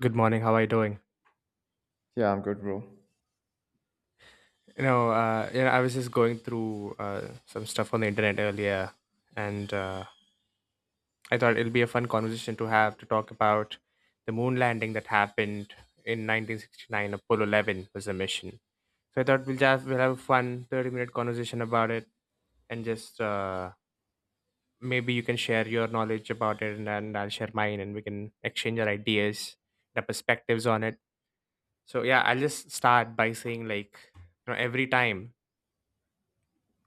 Good morning. How are you doing? Yeah, I'm good, bro. I was just going through some stuff on the internet earlier, and I thought it'll be a fun conversation to have to talk about the moon landing that happened in 1969. Apollo 11 was the mission, so I thought we'll have a fun 30-minute conversation about it, and just maybe you can share your knowledge about it, and I'll share mine, and we can exchange our ideas, our perspectives on it. So yeah, I'll just start by saying like every time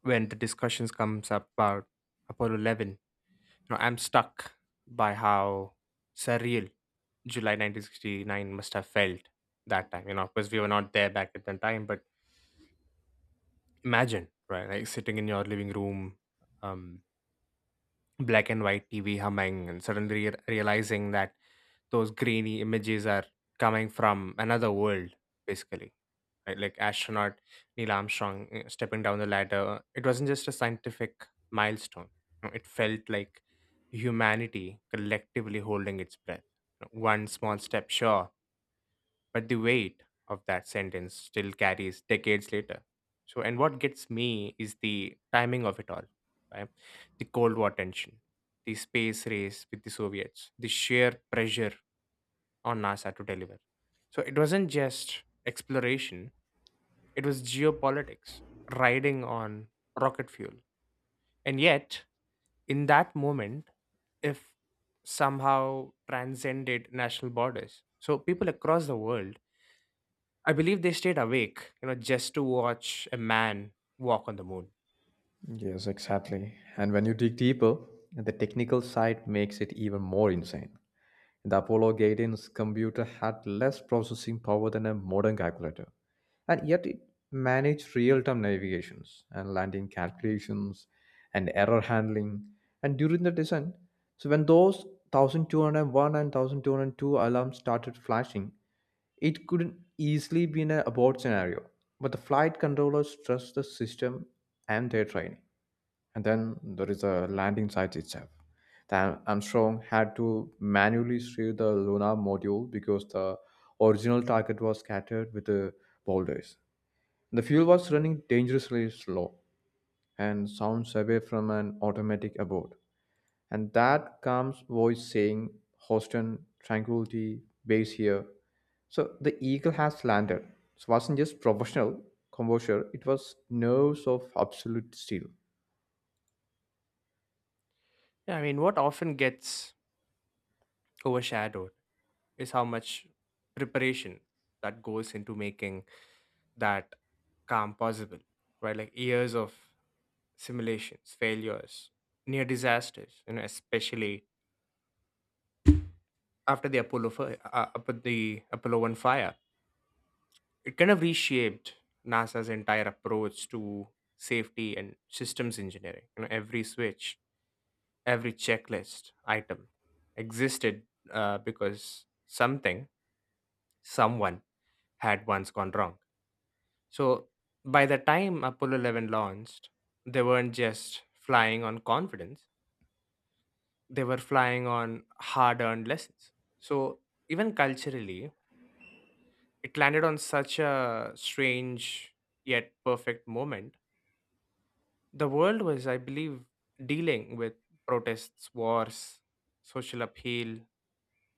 when the discussions comes up about Apollo 11, I'm stuck by how surreal July 1969 must have felt that time. You know, because we were not there back at that time, but imagine, right? Like sitting in your living room, um. black and white TV humming and suddenly realizing that those grainy images are coming from another world, basically. Right? Like astronaut Neil Armstrong stepping down the ladder. It wasn't just a scientific milestone. You It felt like humanity collectively holding its breath. One small step, sure, but the weight of that sentence still carries decades later. So, and what gets me is the timing of it all, right? The Cold War tension, the space race with the Soviets, the sheer pressure on NASA to deliver. So, it wasn't just exploration, it was geopolitics, riding on rocket fuel. And yet, in that moment, if somehow transcended national borders. So people across the world, I believe they stayed awake, just to watch a man walk on the moon. Yes, exactly. And when you dig deeper, the technical side makes it even more insane. The Apollo guidance computer had less processing power than a modern calculator, and yet it managed real time navigations and landing calculations and error handling. And during the descent, so when those 1201 and 1202 alarms started flashing, it couldn't easily be in a abort scenario. But the flight controllers trust the system and their training. And then there is the landing site itself. The Armstrong had to manually steer the lunar module because the original target was scattered with the boulders. The fuel was running dangerously slow and sounds away from an automatic abort. And that comes voice saying, Houston, tranquility, base here. So the eagle has landed. So it wasn't just professional composure, it was nerves of absolute steel. Yeah, I mean, what often gets overshadowed is how much preparation that goes into making that calm possible, right? Like years of simulations, failures, near disasters, especially after the Apollo One fire, it kind of reshaped NASA's entire approach to safety and systems engineering. Every switch, every checklist item existed because something, someone had once gone wrong. So by the time Apollo 11 launched, they weren't just flying on confidence, they were flying on hard earned lessons. So even culturally, it landed on such a strange yet perfect moment. The world was, I believe, dealing with protests, wars, social upheaval,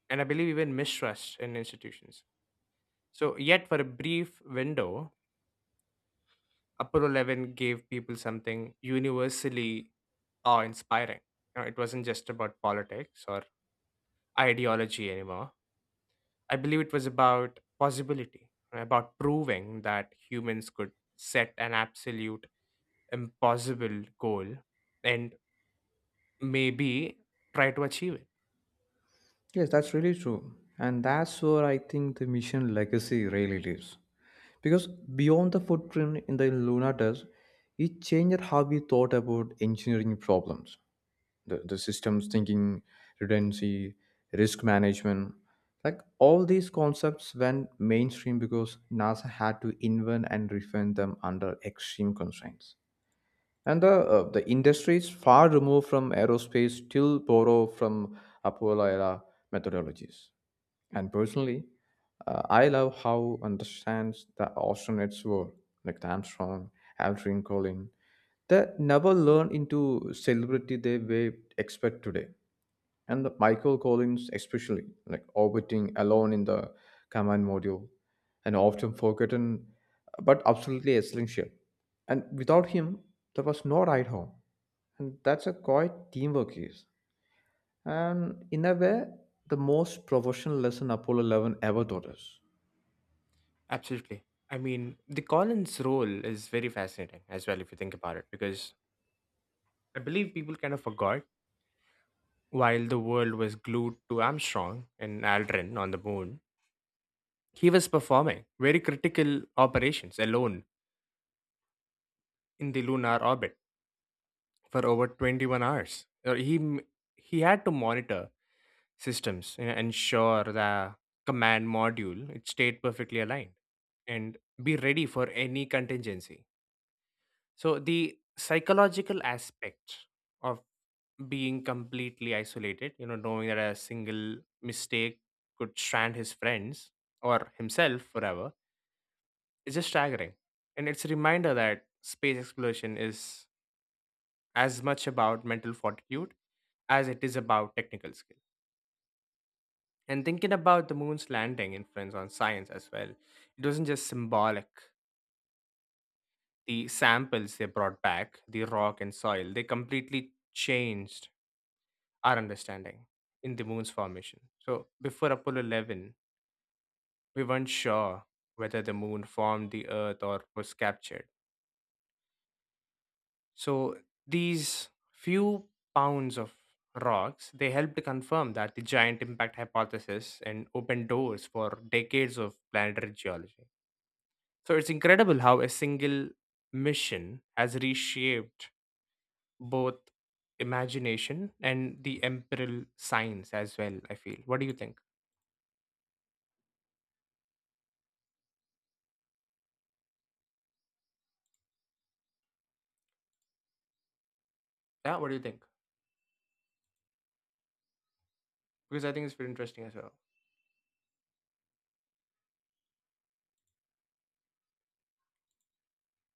and I believe even mistrust in institutions. So, yet for a brief window, Apollo 11 gave people something universally awe inspiring. You know, it wasn't just about politics or ideology anymore. I believe it was about possibility, about proving that humans could set an absolute impossible goal and maybe try to achieve it. Yes, that's really true. And that's where I think the mission legacy really lives. Because beyond the footprint in the Luna test, it changed how we thought about engineering problems, the systems thinking, redundancy, risk management. Like all these concepts went mainstream because NASA had to invent and refine them under extreme constraints. And the industry is far removed from aerospace, still borrow from Apollo era methodologies. And personally, I love how understands the astronauts were, like the Armstrong, Aldrin Collin. They never learned into celebrity they we expect today. And the Michael Collins, especially, like orbiting alone in the command module, and often forgotten, but absolutely essential. And without him, there was no ride home. And that's a quite teamwork is. And in a way, the most professional lesson Apollo 11 ever taught us. Absolutely. I mean, the Collins role is very fascinating as well, if you think about it, because I believe people kind of forgot while the world was glued to Armstrong and Aldrin on the moon, he was performing very critical operations alone in the lunar orbit for over 21 hours. Uh, He m- he had to monitor systems and ensure the command module it stayed perfectly aligned and be ready for any contingency. So the psychological aspect of being completely isolated, knowing that a single mistake could strand his friends or himself forever, is just staggering. And it's a reminder that space exploration is as much about mental fortitude as it is about technical skill. And thinking about the moon's landing influence on science as well, it wasn't just symbolic. The samples they brought back, the rock and soil, they completely changed our understanding in the moon's formation. So before Apollo 11, we weren't sure whether the moon formed the earth or was captured. So these few pounds of rocks, they helped confirm that the giant impact hypothesis and opened doors for decades of planetary geology. So it's incredible how a single mission has reshaped both imagination and the empirical science as well, I feel. What do you think? Yeah, what do you think? Because I think it's very interesting as well.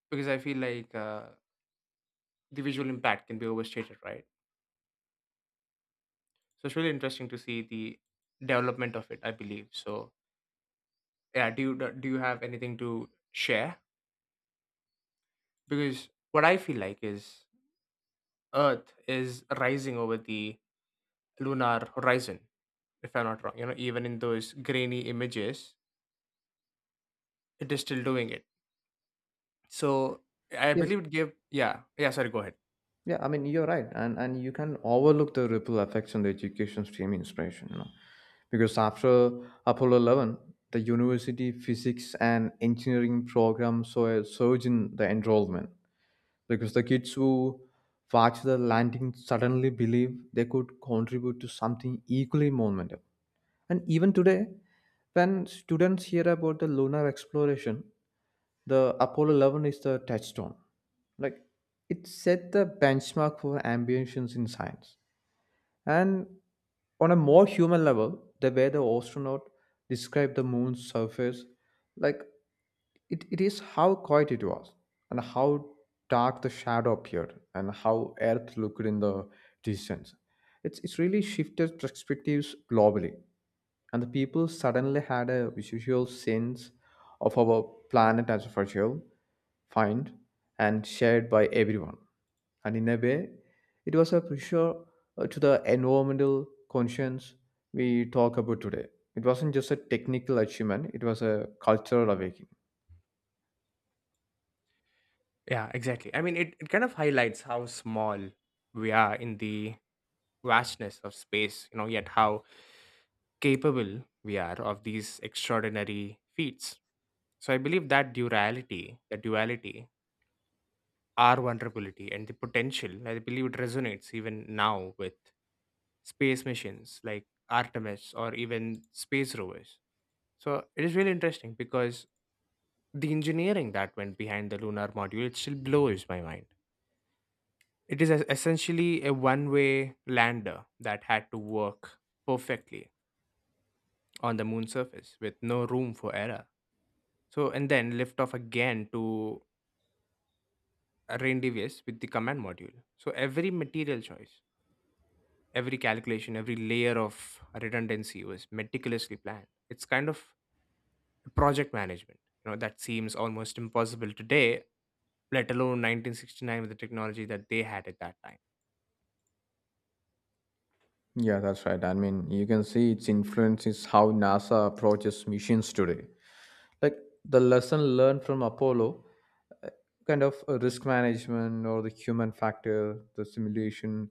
Because I feel like the visual impact can be overstated, right? So it's really interesting to see the development of it. I believe so. Yeah. Do you have anything to share? Because what I feel like is Earth is rising over the lunar horizon. If I'm not wrong, even in those grainy images, it is still doing it. So I Yes. believe it gave. Yeah. Yeah. Sorry. Go ahead. Yeah, I mean, you're right. And you can overlook the ripple effects on the education stream inspiration, you know. Because after Apollo 11, the university physics and engineering program saw a surge in the enrollment because the kids who watched the landing suddenly believed they could contribute to something equally monumental. And even today, when students hear about the lunar exploration, the Apollo 11 is the touchstone. Like it set the benchmark for ambitions in science. And on a more human level, the way the astronaut described the moon's surface, like it is how quiet it was and how dark the shadow appeared and how Earth looked in the distance. It's really shifted perspectives globally and the people suddenly had a visual sense of our planet as a fragile find and shared by everyone. And in a way, it was a pressure to the environmental conscience we talk about today. It wasn't just a technical achievement, it was a cultural awakening. Yeah. Exactly. I mean, it kind of highlights how small we are in the vastness of space, yet how capable we are of these extraordinary feats. So I believe that duality, our vulnerability and the potential, I believe it resonates even now with space missions like Artemis or even space rovers. So it is really interesting because the engineering that went behind the lunar module, it still blows my mind. It is essentially a one way lander that had to work perfectly on the moon's surface with no room for error. So, and then lift off again to Rendivius with the command module. So, every material choice, every calculation, every layer of redundancy was meticulously planned. It's kind of project management, that seems almost impossible today, let alone 1969 with the technology that they had at that time. Yeah, that's right. I mean, you can see its influence is how NASA approaches missions today. Like the lesson learned from Apollo uh, kind of risk management or the human factor, the simulation,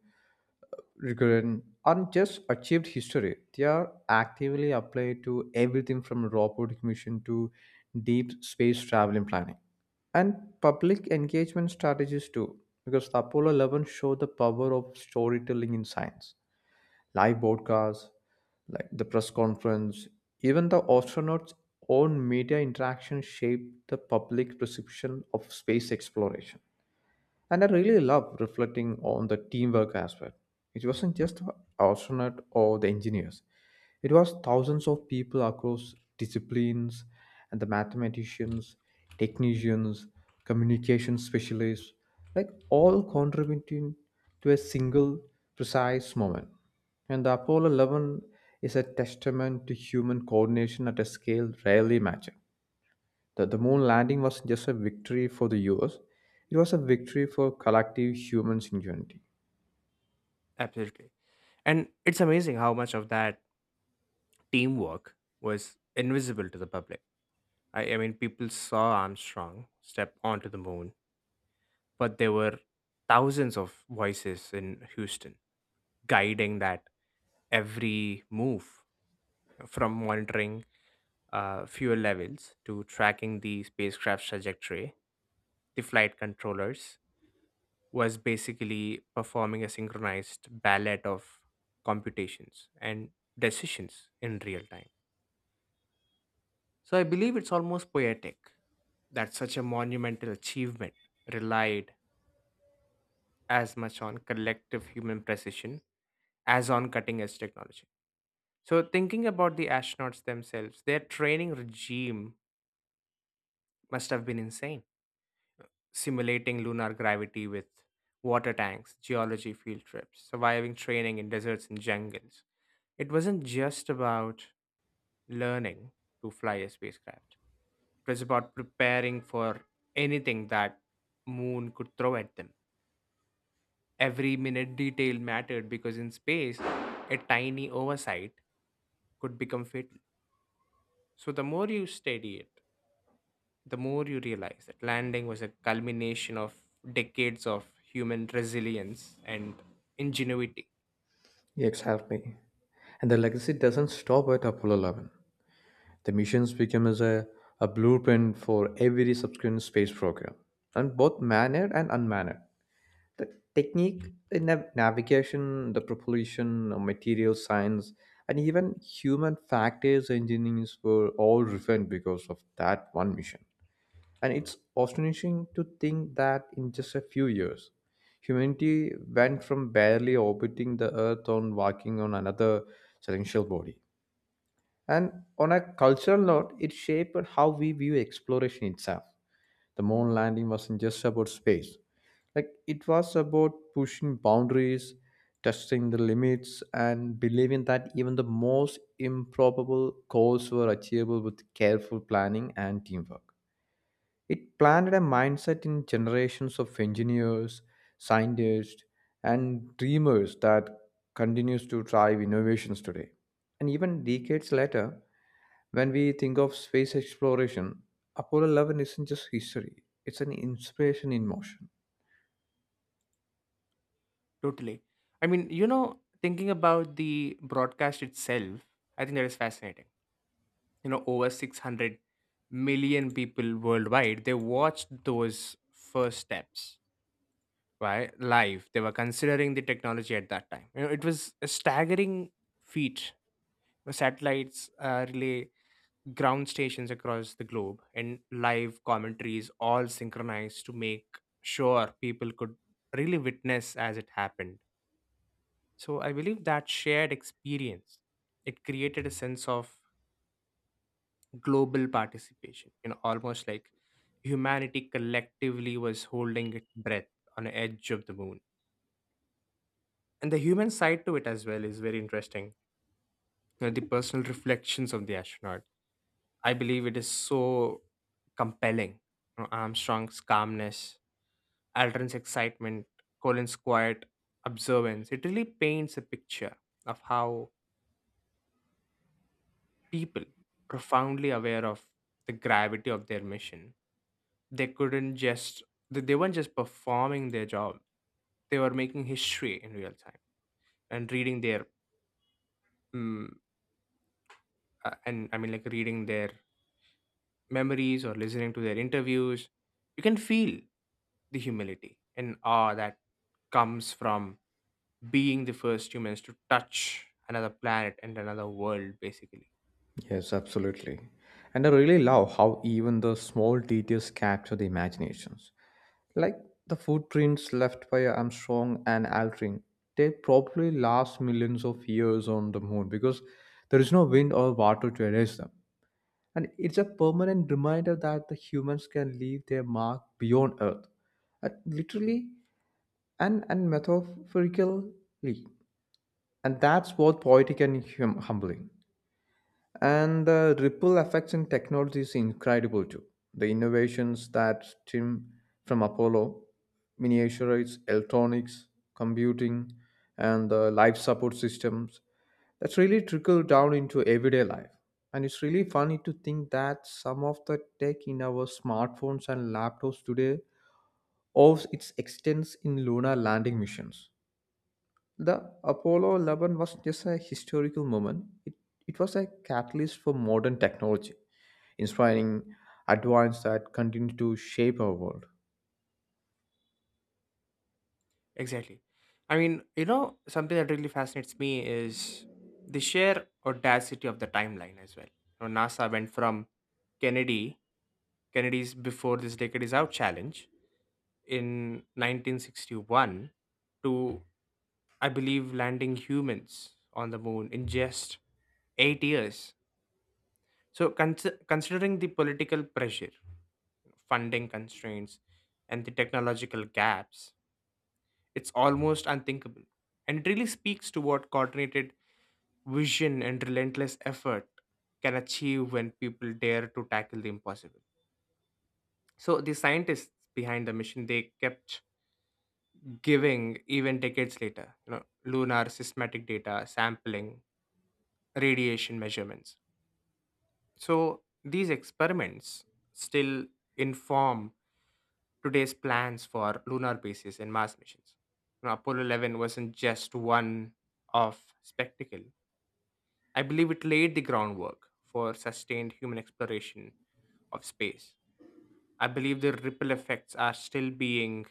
recurrent aren't just achieved history. They are actively applied to everything from robotic mission to deep space travel and planning. And public engagement strategies too, because the Apollo 11 showed the power of storytelling in science. Live broadcasts, like the press conference, even the astronauts' own media interaction shaped the public perception of space exploration. And I really love reflecting on the teamwork aspect. It wasn't just the astronaut or the engineers. It was thousands of people across disciplines and the mathematicians, technicians, communication specialists, like all contributing to a single precise moment. And the Apollo 11 is a testament to human coordination at a scale rarely matched. The moon landing wasn't just a victory for the US, it was a victory for collective human ingenuity. Absolutely. And it's amazing how much of that teamwork was invisible to the public. I mean, people saw Armstrong step onto the moon, but there were thousands of voices in Houston guiding that every move from monitoring fuel levels to tracking the spacecraft's trajectory. The flight controllers was basically performing a synchronized ballet of computations and decisions in real time. So I believe it's almost poetic that such a monumental achievement relied as much on collective human precision as on cutting edge technology. So, thinking about the astronauts themselves, their training regime must have been insane, simulating lunar gravity with water tanks, geology field trips, surviving training in deserts and jungles. It wasn't just about learning to fly a spacecraft, it was about preparing for anything that moon could throw at them. Every minute detail mattered because in space, a tiny oversight could become fatal. So the more you study it, the more you realize that landing was a culmination of decades of human resilience and ingenuity. Exactly. And the legacy doesn't stop at Apollo 11. The missions became as a blueprint for every subsequent space program, and both manned and unmanned. The technique, the navigation, the propulsion, material science, and even human factors engineers were all refined because of that one mission. And it's astonishing to think that in just a few years, humanity went from barely orbiting the Earth on walking on another celestial body. And on a cultural note, it shaped how we view exploration itself. The moon landing wasn't just about space, like it was about pushing boundaries, testing the limits, and believing that even the most improbable goals were achievable with careful planning and teamwork. It planted a mindset in generations of engineers, scientists, and dreamers that continues to drive innovations today. And even decades later, when we think of space exploration, Apollo 11 isn't just history, it's an inspiration in motion. Totally. I mean, thinking about the broadcast itself, I think that is fascinating. You know, over 600 million people worldwide, they watched those first steps, right, live. They were considering the technology at that time. You know, it was a staggering feat. The satellites, relay ground stations across the globe and live commentaries all synchronized to make sure people could really witness as it happened. So I believe that shared experience it created a sense of global participation, almost like humanity collectively was holding its breath on the edge of the moon. And the human side to it as well is very interesting. You know, the personal reflections of the astronaut. I believe it is so compelling. You know, Armstrong's calmness, Aldrin's excitement, Colin's quiet observance. It really paints a picture of how people, profoundly aware of the gravity of their mission, they couldn't just they weren't just performing their job; they were making history in real time and reading their mm, and I mean like reading their memories or listening to their interviews. You can feel the humility and awe that comes from being the first humans to touch another planet and another world basically. Yes, absolutely. And I really love how even the small details capture the imaginations. Like the footprints left by Armstrong and Aldrin, they probably last millions of years on the moon because there is no wind or water to erase them. And it's a permanent reminder that the humans can leave their mark beyond Earth, literally and metaphorically. And that's both poetic and humbling. And the ripple effects in technology is incredible too. The innovations that stem from Apollo, miniaturize, electronics, computing, and the life support systems, that's really trickled down into everyday life. And it's really funny to think that some of the tech in our smartphones and laptops today owes its extents in lunar landing missions. The Apollo 11 was just a historical moment. It was a catalyst for modern technology, inspiring advance that continue to shape our world. Exactly. I mean, something that really fascinates me is the sheer audacity of the timeline as well. You know, NASA went from kennedy kennedy's before this decade is out challenge in 1961 to I believe landing humans on the moon in just 8 years. So considering the political pressure, funding constraints, and the technological gaps. It's almost unthinkable. And it really speaks to what coordinated vision and relentless effort can achieve when people dare to tackle the impossible. So the scientists behind the mission they kept giving even decades later, lunar systematic data, sampling, radiation measurements. So these experiments still inform today's plans for lunar bases and Mars missions. You know, Apollo 11 wasn't just one off spectacle. I believe it laid the groundwork for sustained human exploration of space. I believe the ripple effects are still being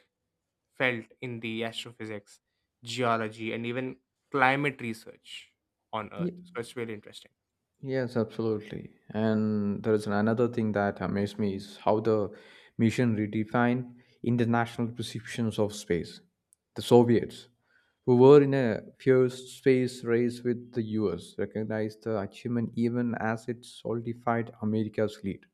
felt in the astrophysics, geology, and even climate research on Earth. Ye- So it's really interesting. Yes, absolutely. And there is another thing that amazed me is how the mission redefined international perceptions of space. The Soviets, who were in a fierce space race with the US, recognized the achievement even as it solidified America's lead.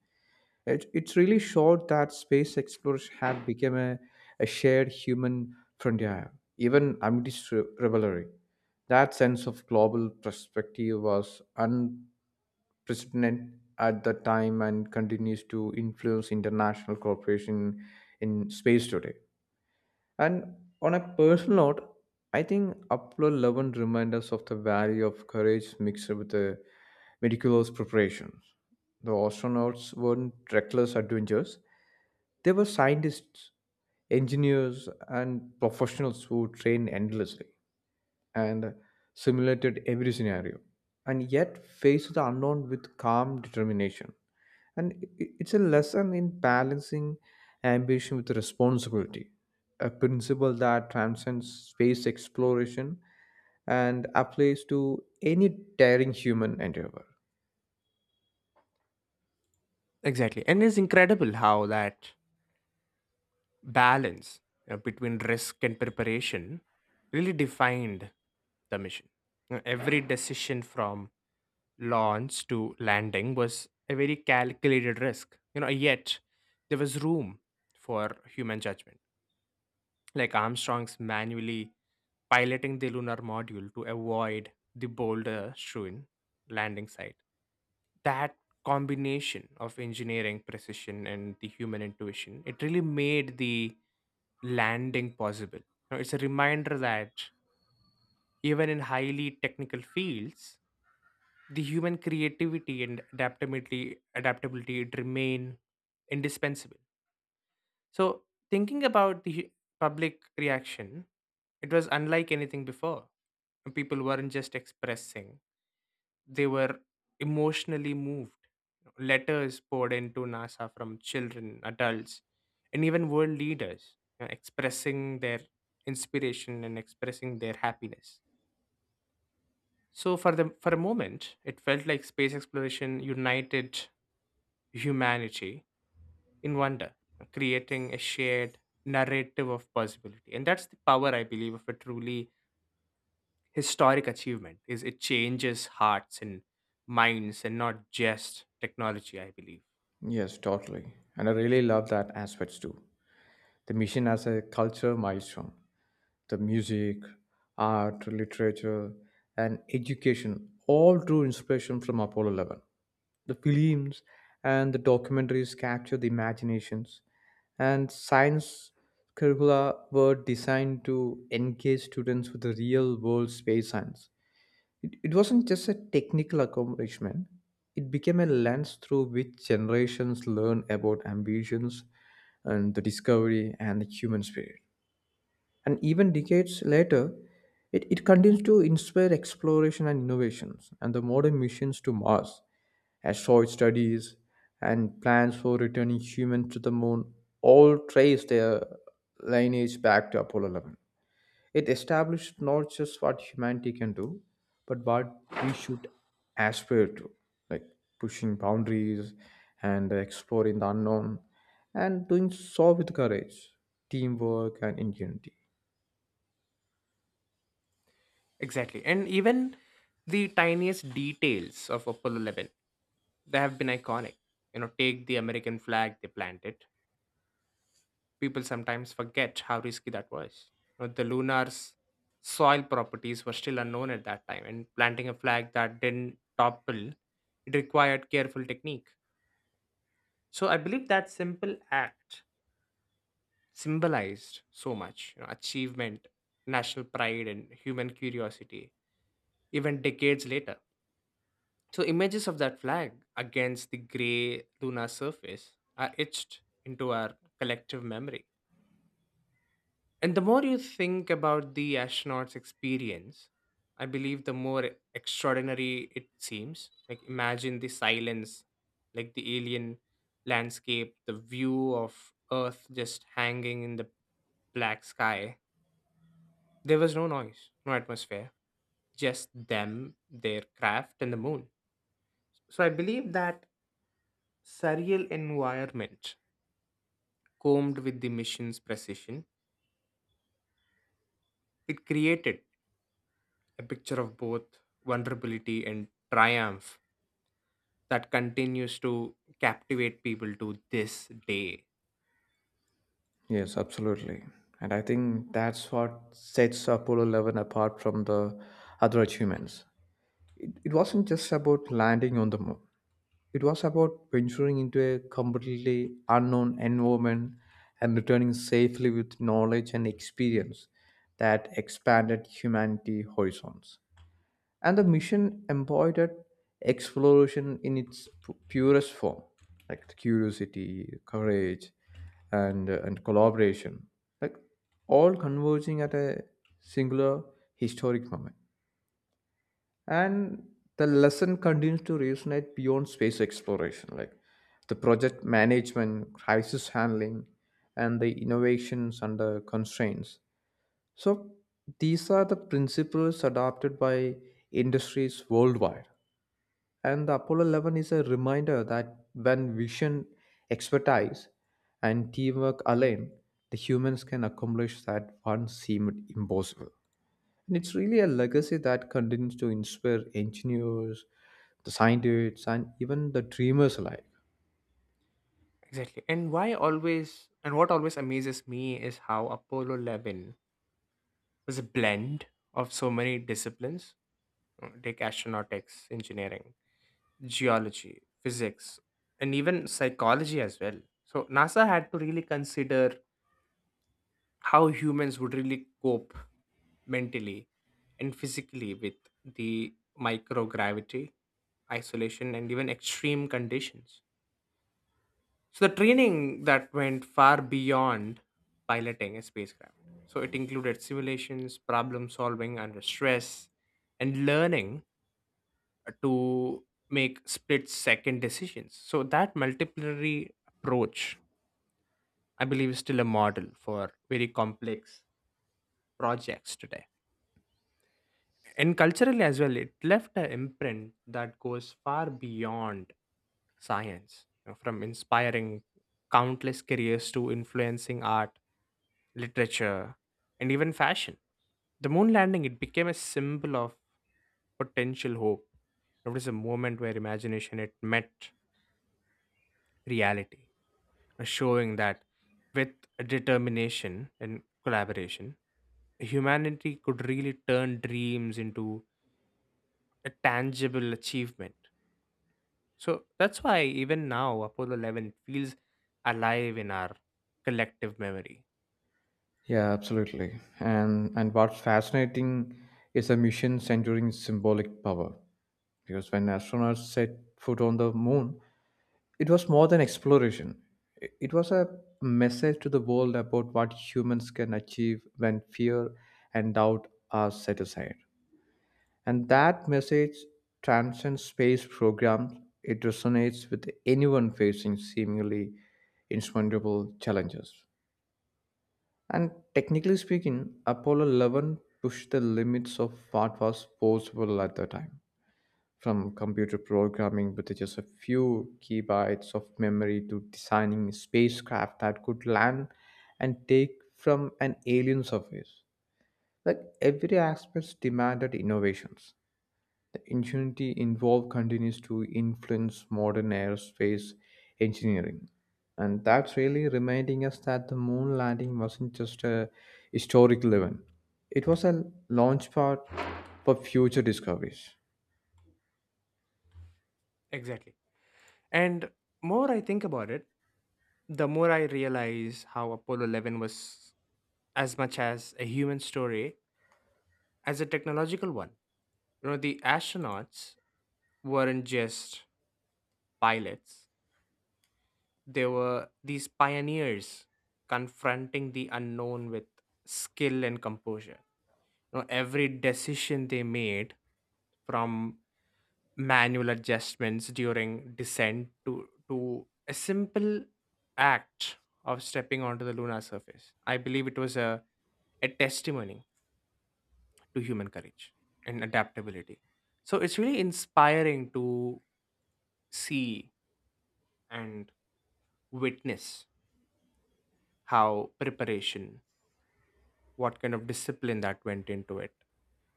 It really showed that space exploration had become a shared human frontier, even amidst rivalry. That sense of global perspective was unprecedented at the time and continues to influence international cooperation in space today. And on a personal note, I think Apollo 11 reminds us of the value of courage mixed with the meticulous preparation. The astronauts weren't reckless adventurers, they were scientists, engineers, and professionals who trained endlessly and simulated every scenario, and yet faced the unknown with calm determination. And it's a lesson in balancing ambition with responsibility, a principle that transcends space exploration and applies to any daring human endeavor. Exactly. And it's incredible how that balance between risk and preparation really defined the mission. Every decision from launch to landing was a very calculated risk. You know, yet there was room for human judgment. Like Armstrong's manually piloting the lunar module to avoid the boulder strewn landing site. That combination of engineering precision and the human intuition, it really made the landing possible. You know, it's a reminder that even in highly technical fields, the human creativity and adaptability remain indispensable. So thinking about the public reaction, it was unlike anything before. People weren't just expressing; they were emotionally moved. Letters poured into NASA from children, adults, and even world leaders expressing their inspiration and expressing their happiness. So for a moment, it felt like space exploration united humanity in wonder, creating a shared narrative of possibility. And that's the power, I believe, of a truly historic achievement is it changes hearts and minds and not just technology, I believe. Yes, totally. And I really love that aspects too. The mission as a culture milestone. The music, art, literature, and education all drew inspiration from Apollo 11. The films and the documentaries capture the imaginations, and science curricula were designed to engage students with the real world space science. It wasn't just a technical accomplishment, it became a lens through which generations learn about ambitions and the discovery and the human spirit. And even decades later, it continues to inspire exploration and innovations and the modern missions to Mars, asteroid studies, and plans for returning humans to the moon all trace their lineage back to Apollo 11. It established not just what humanity can do, but what we should aspire to, like pushing boundaries and exploring the unknown, and doing so with courage, teamwork, and ingenuity. Exactly. And even the tiniest details of Apollo 11, they have been iconic. You know, take the American flag, they planted. People sometimes forget how risky that was. You know, the lunar's soil properties were still unknown at that time, and planting a flag that didn't topple, it required careful technique. So I believe that simple act symbolized so much, you know, achievement, national pride, and human curiosity, even decades later. So images of that flag against the gray lunar surface are etched into our collective memory. And the more you think about the astronauts' experience, I believe the more extraordinary it seems. Like imagine the silence, like the alien landscape, the view of Earth just hanging in the black sky. There was no noise, no atmosphere, just them, their craft, and the moon. So I believe that surreal environment combed with the mission's precision, it created a picture of both vulnerability and triumph that continues to captivate people to this day. Yes, absolutely. And I think that's what sets Apollo 11 apart from the other achievements. It wasn't just about landing on the moon, it was about venturing into a completely unknown environment and returning safely with knowledge and experience that expanded humanity horizons. And the mission embodied exploration in its purest form, like the curiosity, courage, and collaboration, like all converging at a singular historic moment and the lesson continues to resonate beyond space exploration like the project management crisis handling and the innovations under constraints so these are the principles adopted by industries worldwide and the apollo 11 is a reminder that when vision expertise and teamwork align the humans can accomplish that once seemed impossible and it's really a legacy that continues to inspire engineers, the scientists, and even the dreamers alike. Exactly. And what always amazes me is how Apollo 11 was a blend of so many disciplines like astronautics, engineering, geology, physics, and even psychology as well. So NASA had to really consider how humans would really cope mentally and physically with the microgravity, isolation, and even extreme conditions. So, the training that went far beyond piloting a spacecraft. So, it included simulations, problem solving under stress, and learning to make split second decisions. So, that multiplicity approach, I believe, is still a model for very complex projects today. And culturally as well, it left an imprint that goes far beyond science, you know, from inspiring countless careers to influencing art, literature, and even fashion. The moon landing, it became a symbol of potential hope. It was a moment where imagination it met reality, showing that with determination and collaboration, humanity could really turn dreams into a tangible achievement. So that's why even now Apollo 11 feels alive in our collective memory. Yeah, absolutely. And what's fascinating is a mission centering symbolic power. Because when astronauts set foot on the moon, it was more than exploration. It was a message to the world about what humans can achieve when fear and doubt are set aside. And that message transcends space programs. It resonates with anyone facing seemingly insurmountable challenges. And technically speaking, Apollo 11 pushed the limits of what was possible at the time, from computer programming with just a few gigabytes of memory to designing spacecraft that could land and take from an alien surface. Like every aspect demanded innovations. Ingenuity involved continues to influence modern aerospace engineering. And that's really reminding us that the moon landing wasn't just a historic event, it was a launch pad for future discoveries. Exactly. And more I think about it, the more I realize how Apollo 11 was as much as a human story as a technological one. You know, the astronauts weren't just pilots, they were these pioneers confronting the unknown with skill and composure. You know, every decision they made from manual adjustments during descent to a simple act of stepping onto the lunar surface. I believe it was a testimony to human courage and adaptability. So it's really inspiring to see and witness how preparation, what kind of discipline that went into it,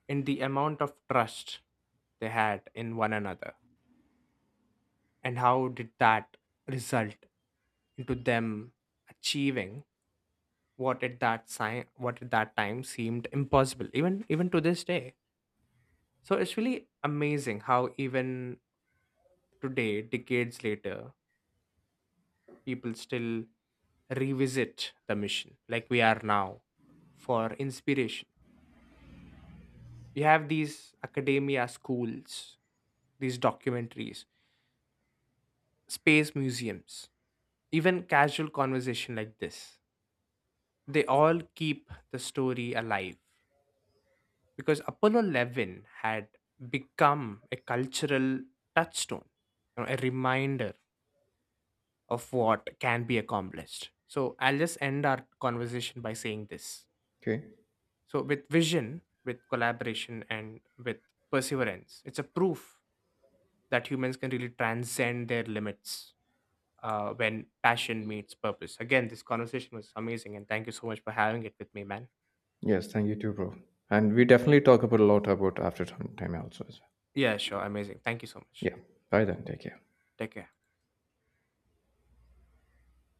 and the amount of trust they had in one another, and how did that result into them achieving what at that time seemed impossible, even to this day. So it's really amazing how even today, decades later, people still revisit the mission like we are now for inspiration. We have these academia schools, these documentaries, space museums, even casual conversation like this. They all keep the story alive because Apollo 11 had become a cultural touchstone, you know, a reminder of what can be accomplished. So I'll just end our conversation by saying this. Okay. So, with vision, with collaboration, and with perseverance, it's a proof that humans can really transcend their limits when passion meets purpose. Again, this conversation was amazing, and thank you so much for having it with me, man. Yes, thank you too, bro. And we definitely talk about a lot about after some time also, as well. Yeah, sure. Amazing. Thank you so much. Yeah. Bye then. Take care. Take care.